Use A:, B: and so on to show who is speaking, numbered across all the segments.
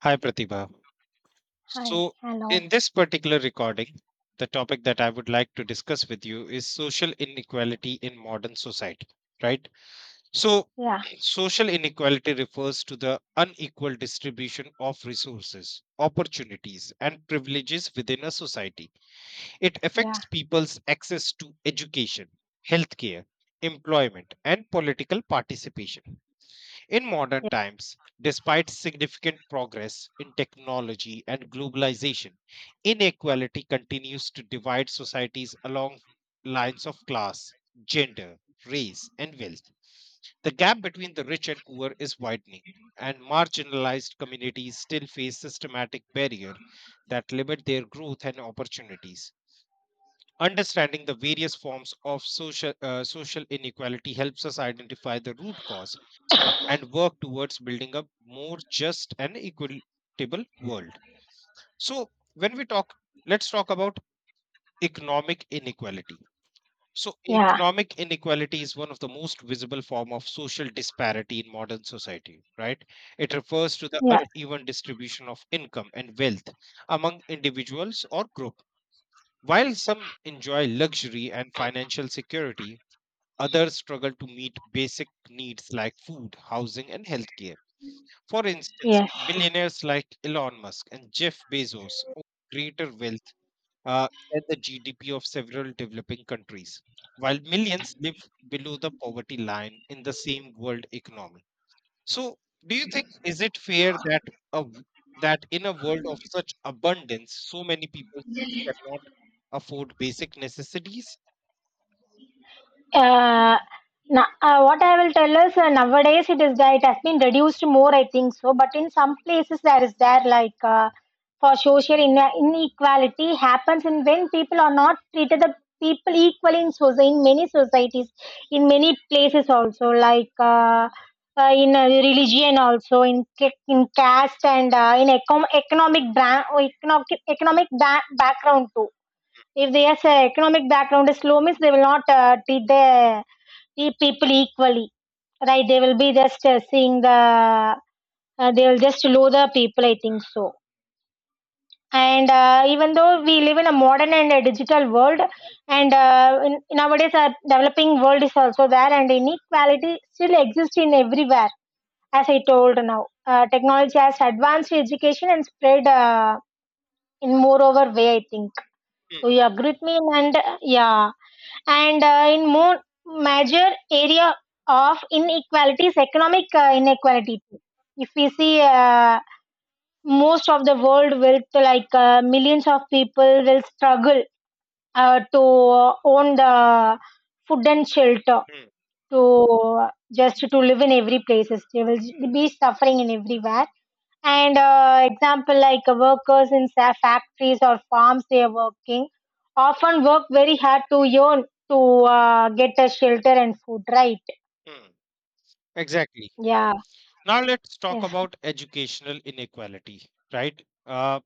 A: Hi, Pratibha.
B: Hi,
A: So,
B: hello.
A: in this particular recording, the topic that I would like to discuss with you is social inequality in modern society, right? So,
B: Yeah,
A: social inequality refers to the unequal distribution of resources, opportunities, and privileges within a society. It
B: yeah,
A: affects people's access to education, healthcare, employment, and political participation. In modern times, despite significant progress in technology and globalization, inequality continues to divide societies along lines of class, gender, race, and wealth. The gap between the rich and poor is widening, and marginalized communities still face systematic barriers that limit their growth and opportunities. Understanding the various forms of social inequality helps us identify the root cause and work towards building a more just and equitable world. So, let's talk about economic inequality. So,
B: yeah, yeah,
A: economic inequality is one of the most visible form of social disparity in modern society, right? It refers to the
B: yeah.
A: uneven distribution of income and wealth among individuals or group. While some enjoy luxury and financial security, others struggle to meet basic needs like food, housing, and healthcare. For instance,
B: Yes,
A: billionaires like Elon Musk and Jeff Bezos own greater wealth than the GDP of several developing countries, while millions live below the poverty line in the same world economy. So, do you think is it fair that a, w- that in a world of such abundance, so many people still cannot afford basic necessities?
B: uh, what I will tell is nowadays it is that it has been reduced more, I think so. But in some places there is there like for social in inequality happens, and when people are not treated the people equally in society, in many societies, in many places also like. In religion also in in caste and in economic economic background too, if their economic background is low, means they will not treat the treat people equally, right? They will be just seeing the they will just low the people, I think so. And even though we live in a modern and a digital world, nowadays a developing world is also there, and inequality still exists in everywhere. As I told now, technology has advanced education and spread in more over way, I think.
A: Hmm,
B: Do you agree with me? And yeah, and in more major area of inequalities economic inequality, if we see most of the world will like millions of people will struggle to own the food and shelter,
A: hmm,
B: to just to live in every places they will be suffering in everywhere. And example like workers in factories or farms, they are working, often work very hard to earn, to get a shelter and food, right?
A: hmm. Exactly.
B: Yeah.
A: Now let's talk
B: Yes.
A: about educational inequality, right? Uh,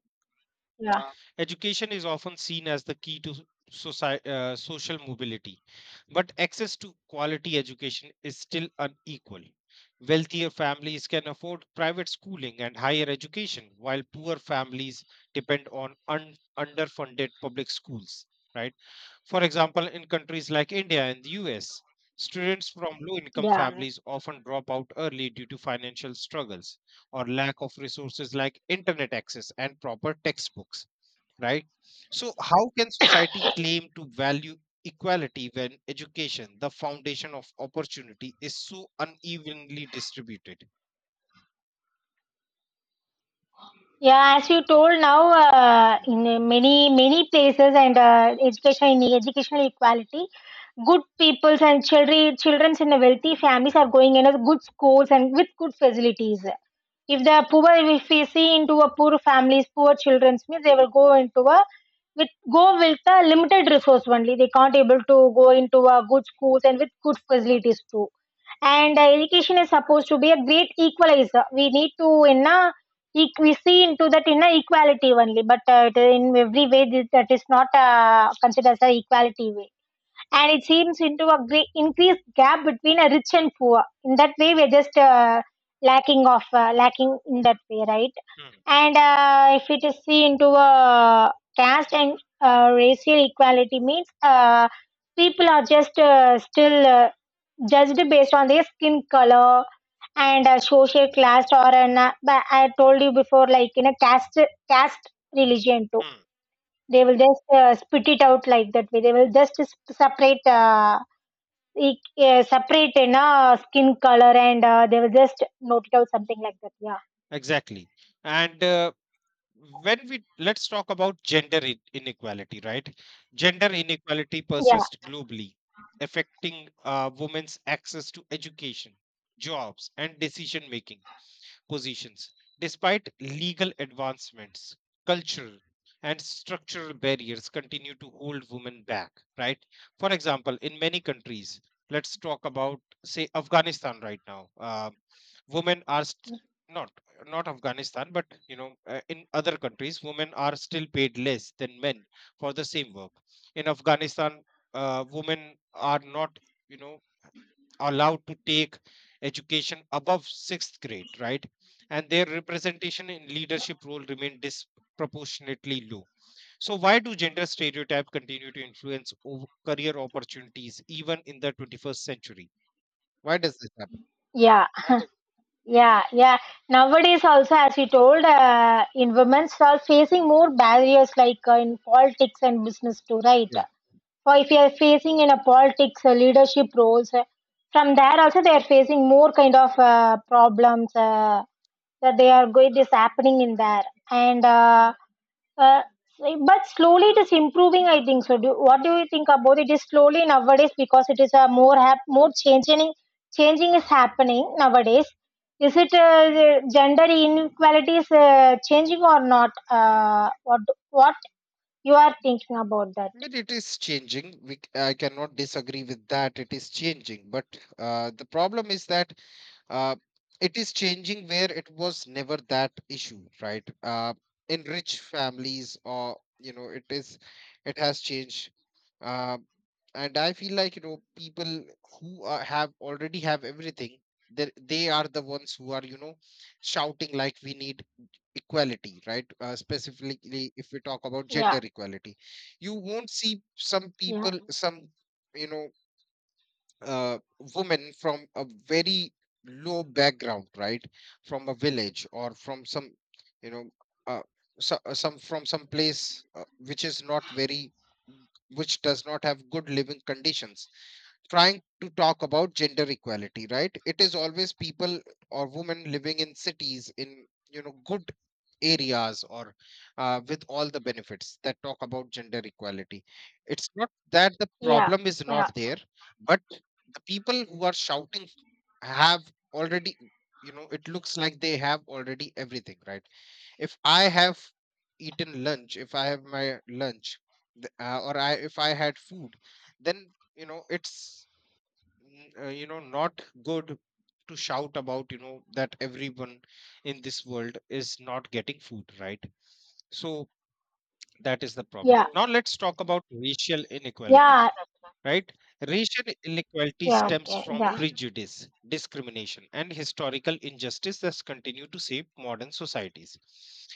B: Yeah.
A: Education is often seen as the key to social mobility, but access to quality education is still unequal. Wealthier families can afford private schooling and higher education, while poor families depend on underfunded public schools. Right? For example, in countries like India and the US, students from low-income
B: Yeah.
A: families often drop out early due to financial struggles or lack of resources like internet access and proper textbooks, right? So, how can society claim to value equality when education, the foundation of opportunity, is so unevenly distributed?
B: Yeah, as you told now, in many places and education in educational equality, good peoples and childrens in wealthy families are going in a good schools and with good facilities. If the poor, if we see into a poor families, poor childrens means they will go into a with go with the limited resource only. They can't able to go into a good schools and with good facilities too. And education is supposed to be a great equalizer, we need to என்ன, we see into that in a equality only, but in every way this, that is not considered as a equality way, and it seems into a great increased gap between a rich and poor. In that way we're just lacking of lacking in that way, right?
A: Hmm,
B: And if it is seen into a caste and racial equality means people are just still judged based on their skin color and social class or an but I told you before like in a caste religion too.
A: hmm,
B: They will just spit it out like that way, they will just separate separate in skin color, and they will just note it out something like that. Yeah.
A: Exactly. And when we let's talk about gender inequality, right? Gender inequality
B: Yeah.
A: persists globally, affecting women's access to education, jobs, and decision making positions. Despite legal advancements, cultural and structural barriers continue to hold women back, right? For example, in many countries, let's talk about, say, Afghanistan right now. Women are st- not Not Afghanistan, but you know, in other countries, women are still paid less than men for the same work. In Afghanistan, women are not, you know, allowed to take education above sixth grade, right? And their representation in leadership role remained disproportionately low. So, why do gender stereotype continue to influence career opportunities even in the 21st century? Why does this happen?
B: Yeah. Yeah. Yeah, nowadays also as you told, in women's are facing more barriers like in politics and business too, right?
A: Yeah.
B: Or if you are facing in a politics leadership roles, from there also they are facing more kind of problems, that they are going. This happening in there. And uh, but slowly it is improving, I think so. Do, what do you think about It is slowly nowadays because it is a more more changing, changing is happening nowadays. Is it the gender inequality is changing or not, what you are thinking about that?
A: But it is changing. I cannot disagree with that. It is changing. But the problem is that uh, it is changing where it was never that issue, right? In rich families, or you know, it has changed. Uh, and I feel like people who are, have already have everything, they are the ones who are, you know, shouting like we need equality, right? Specifically, if we talk about
B: Yeah.
A: gender equality, you won't see some
B: Yeah.
A: people some you know, uh, women from a very low background, right, from a village or from some, you know, uh, some from some place which does not have good living conditions, trying to talk about gender equality, right? It is always people or women living in cities in, you know, good areas or, with all the benefits, that talk about gender equality. It's not that the
B: Yeah,
A: problem is
B: yeah,
A: not there, but the people who are shouting have already, you know, it looks like they have already everything, right? If I have eaten lunch, if I have my lunch, th- or I if I had food, then you know, you know, not good to shout about, you know, that everyone in this world is not getting food, right? So that is the problem.
B: yeah,
A: Now let's talk about racial inequality,
B: yeah,
A: right? Racial inequality
B: yeah,
A: stems
B: okay,
A: from
B: yeah,
A: prejudice, discrimination, and historical injustice that continue to shape modern societies.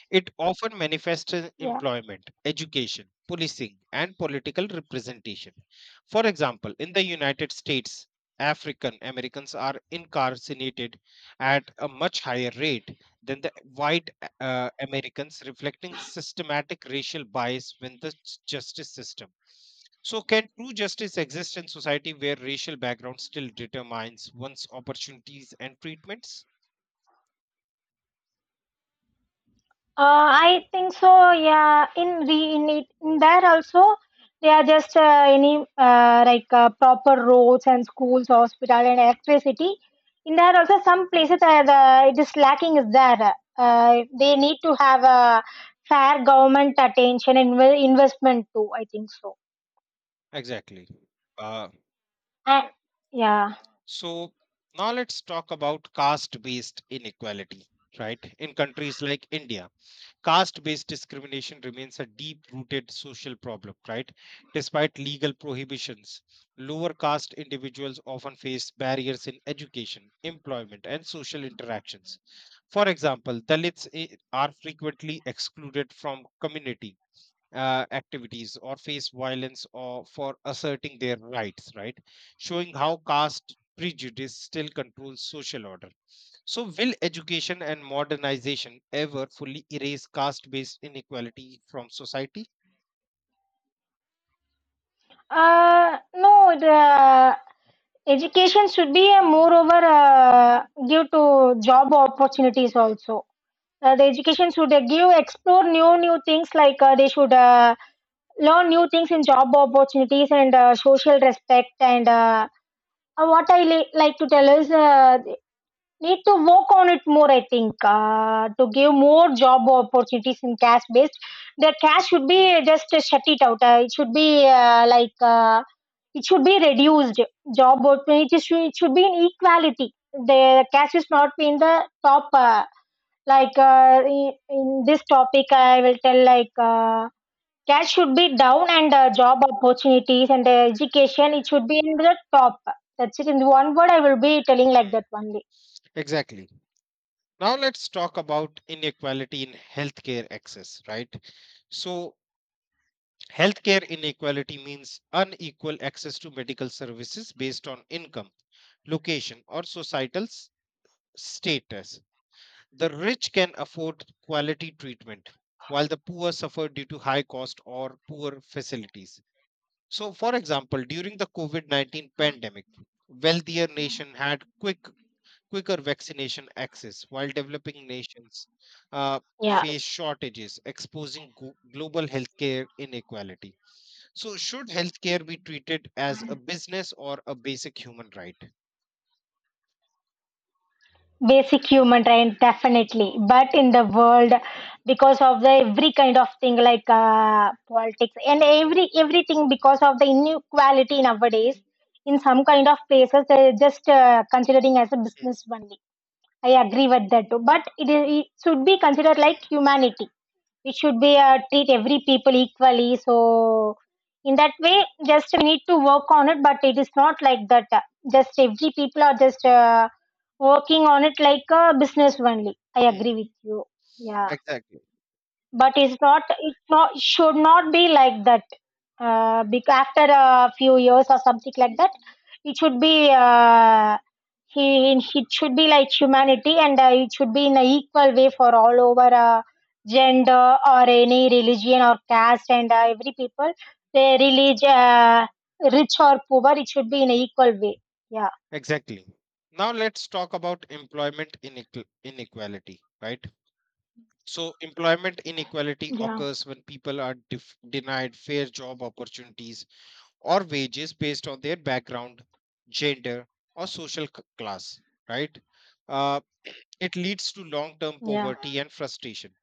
A: It often manifests in
B: yeah.
A: employment, education, policing, and political representation. For example, in the United States, African Americans are incarcerated at a much higher rate than the white Americans, reflecting systematic racial bias within the justice system. So, can true justice exist in society where racial background still determines one's opportunities and treatments?
B: Uh, I think so, yeah, in the in it in there also they are just any like proper roads and schools, hospital and electricity. In there also some places are the it is lacking is there. They need to have a fair government attention and investment too, I think so.
A: Exactly. Uh,
B: And yeah.
A: so, now let's talk about caste based inequality, right? In countries like India, caste based discrimination remains a deep rooted social problem, right? Despite legal prohibitions, lower caste individuals often face barriers in education, employment, and social interactions. For example, are frequently excluded from community activities or face violence or for asserting their rights, right, showing how caste prejudice still controls social order. So will education and modernization ever fully erase caste based inequality from society?
B: No, the education should be a moreover give to job opportunities also. The education should give explore new things like they should learn new things in job opportunities and social respect and what I like to tell is need to work on it more, I think to give more job opportunities in cash based. The cash should be just shut it out, it should be like it should be reduced. Job opportunities should, it should be in equality. The cash is not in the top, like in this topic I will tell like cash should be down, and job opportunities and education, it should be in the top. That's it, in one word I will be telling like
A: Hmm,
B: that only.
A: exactly. Now let's talk about inequality in healthcare access, right? So healthcare inequality means unequal access to medical services based on income, location, or status. The rich can afford quality treatment, while the poor suffer due to high cost or poor facilities. So, for example, during the COVID 19 pandemic, wealthier nation had quicker vaccination access while developing nations uh,
B: Yeah,
A: face shortages, exposing global healthcare inequality. So, should healthcare be treated as a business or a basic human right?
B: basic human right definitely, but in the world because of the every kind of thing like politics and every everything, because of the inequality nowadays in some kind of places they're just considering as a
A: Mm,
B: business only. I agree with that too, but it, is, it should be considered like humanity. It should be treat every people equally, so in that way just we need to work on it. But it is not like that, just every people are just working on it like a business only, I agree
A: mm.
B: with you. Yeah,
A: Exactly.
B: but it's not, it's not should not be like that, because after a few years or something like that it should be he it should be like humanity, and it should be in an equal way for all over gender or any religion or caste, and every people, they religion rich or poor, it should be in an equal way. Yeah.
A: Exactly. Now let's talk about employment inequality, right? So, employment inequality
B: Yeah.
A: occurs when people are denied fair job opportunities or wages based on their background, gender, or social class, right? Uh, it leads to long term poverty and frustration.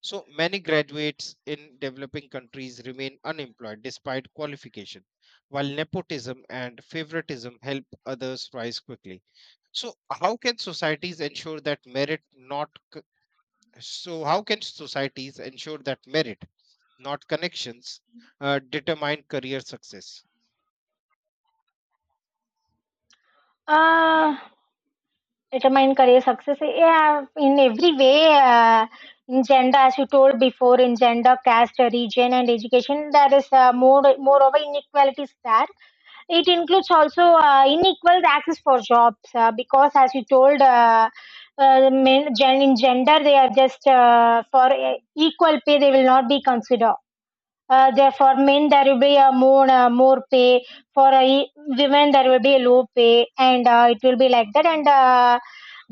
A: So, many graduates in developing countries remain unemployed despite qualification, while nepotism and favoritism help others rise quickly. So how can societies ensure that merit not c- So how can societies ensure that merit, not connections, determine career success?
B: Yeah, determine career success, yeah, in every way in gender, as you told before, in gender caste region and education there is more moreover inequalities there. It includes also unequal access for jobs, because as you told in gender they are just for equal pay they
A: Hmm,
B: will not be considered. Therefore, men there will be a more more pay, for women there will be a low pay, and it will be like that. And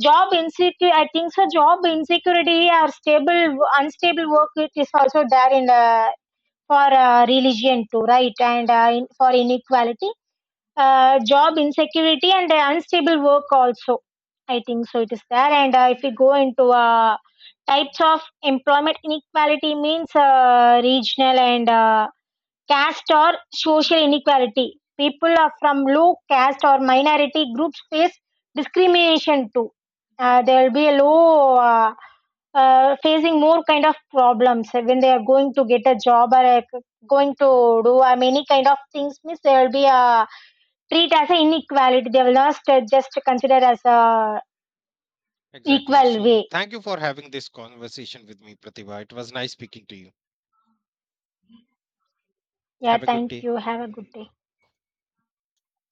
B: job insecurity, I think, so job insecurity or stable unstable work, it is also there in for religion too, right? For inequality, job insecurity and unstable work also, I think so. It is there, and if we go into types of employment inequality means regional and caste or social inequality. People are from low caste or minority groups face discrimination too. There will be a low facing more kind of problems when they are going to get a job, or going to do any kind of things. Means there will be a treat as an inequality. They will not just consider as a
A: exactly.
B: equal way.
A: So thank you for having this conversation with me, Pratibha. It was nice speaking to you.
B: Yeah,
A: Have a good
B: thank
A: day.
B: you. Have a good day.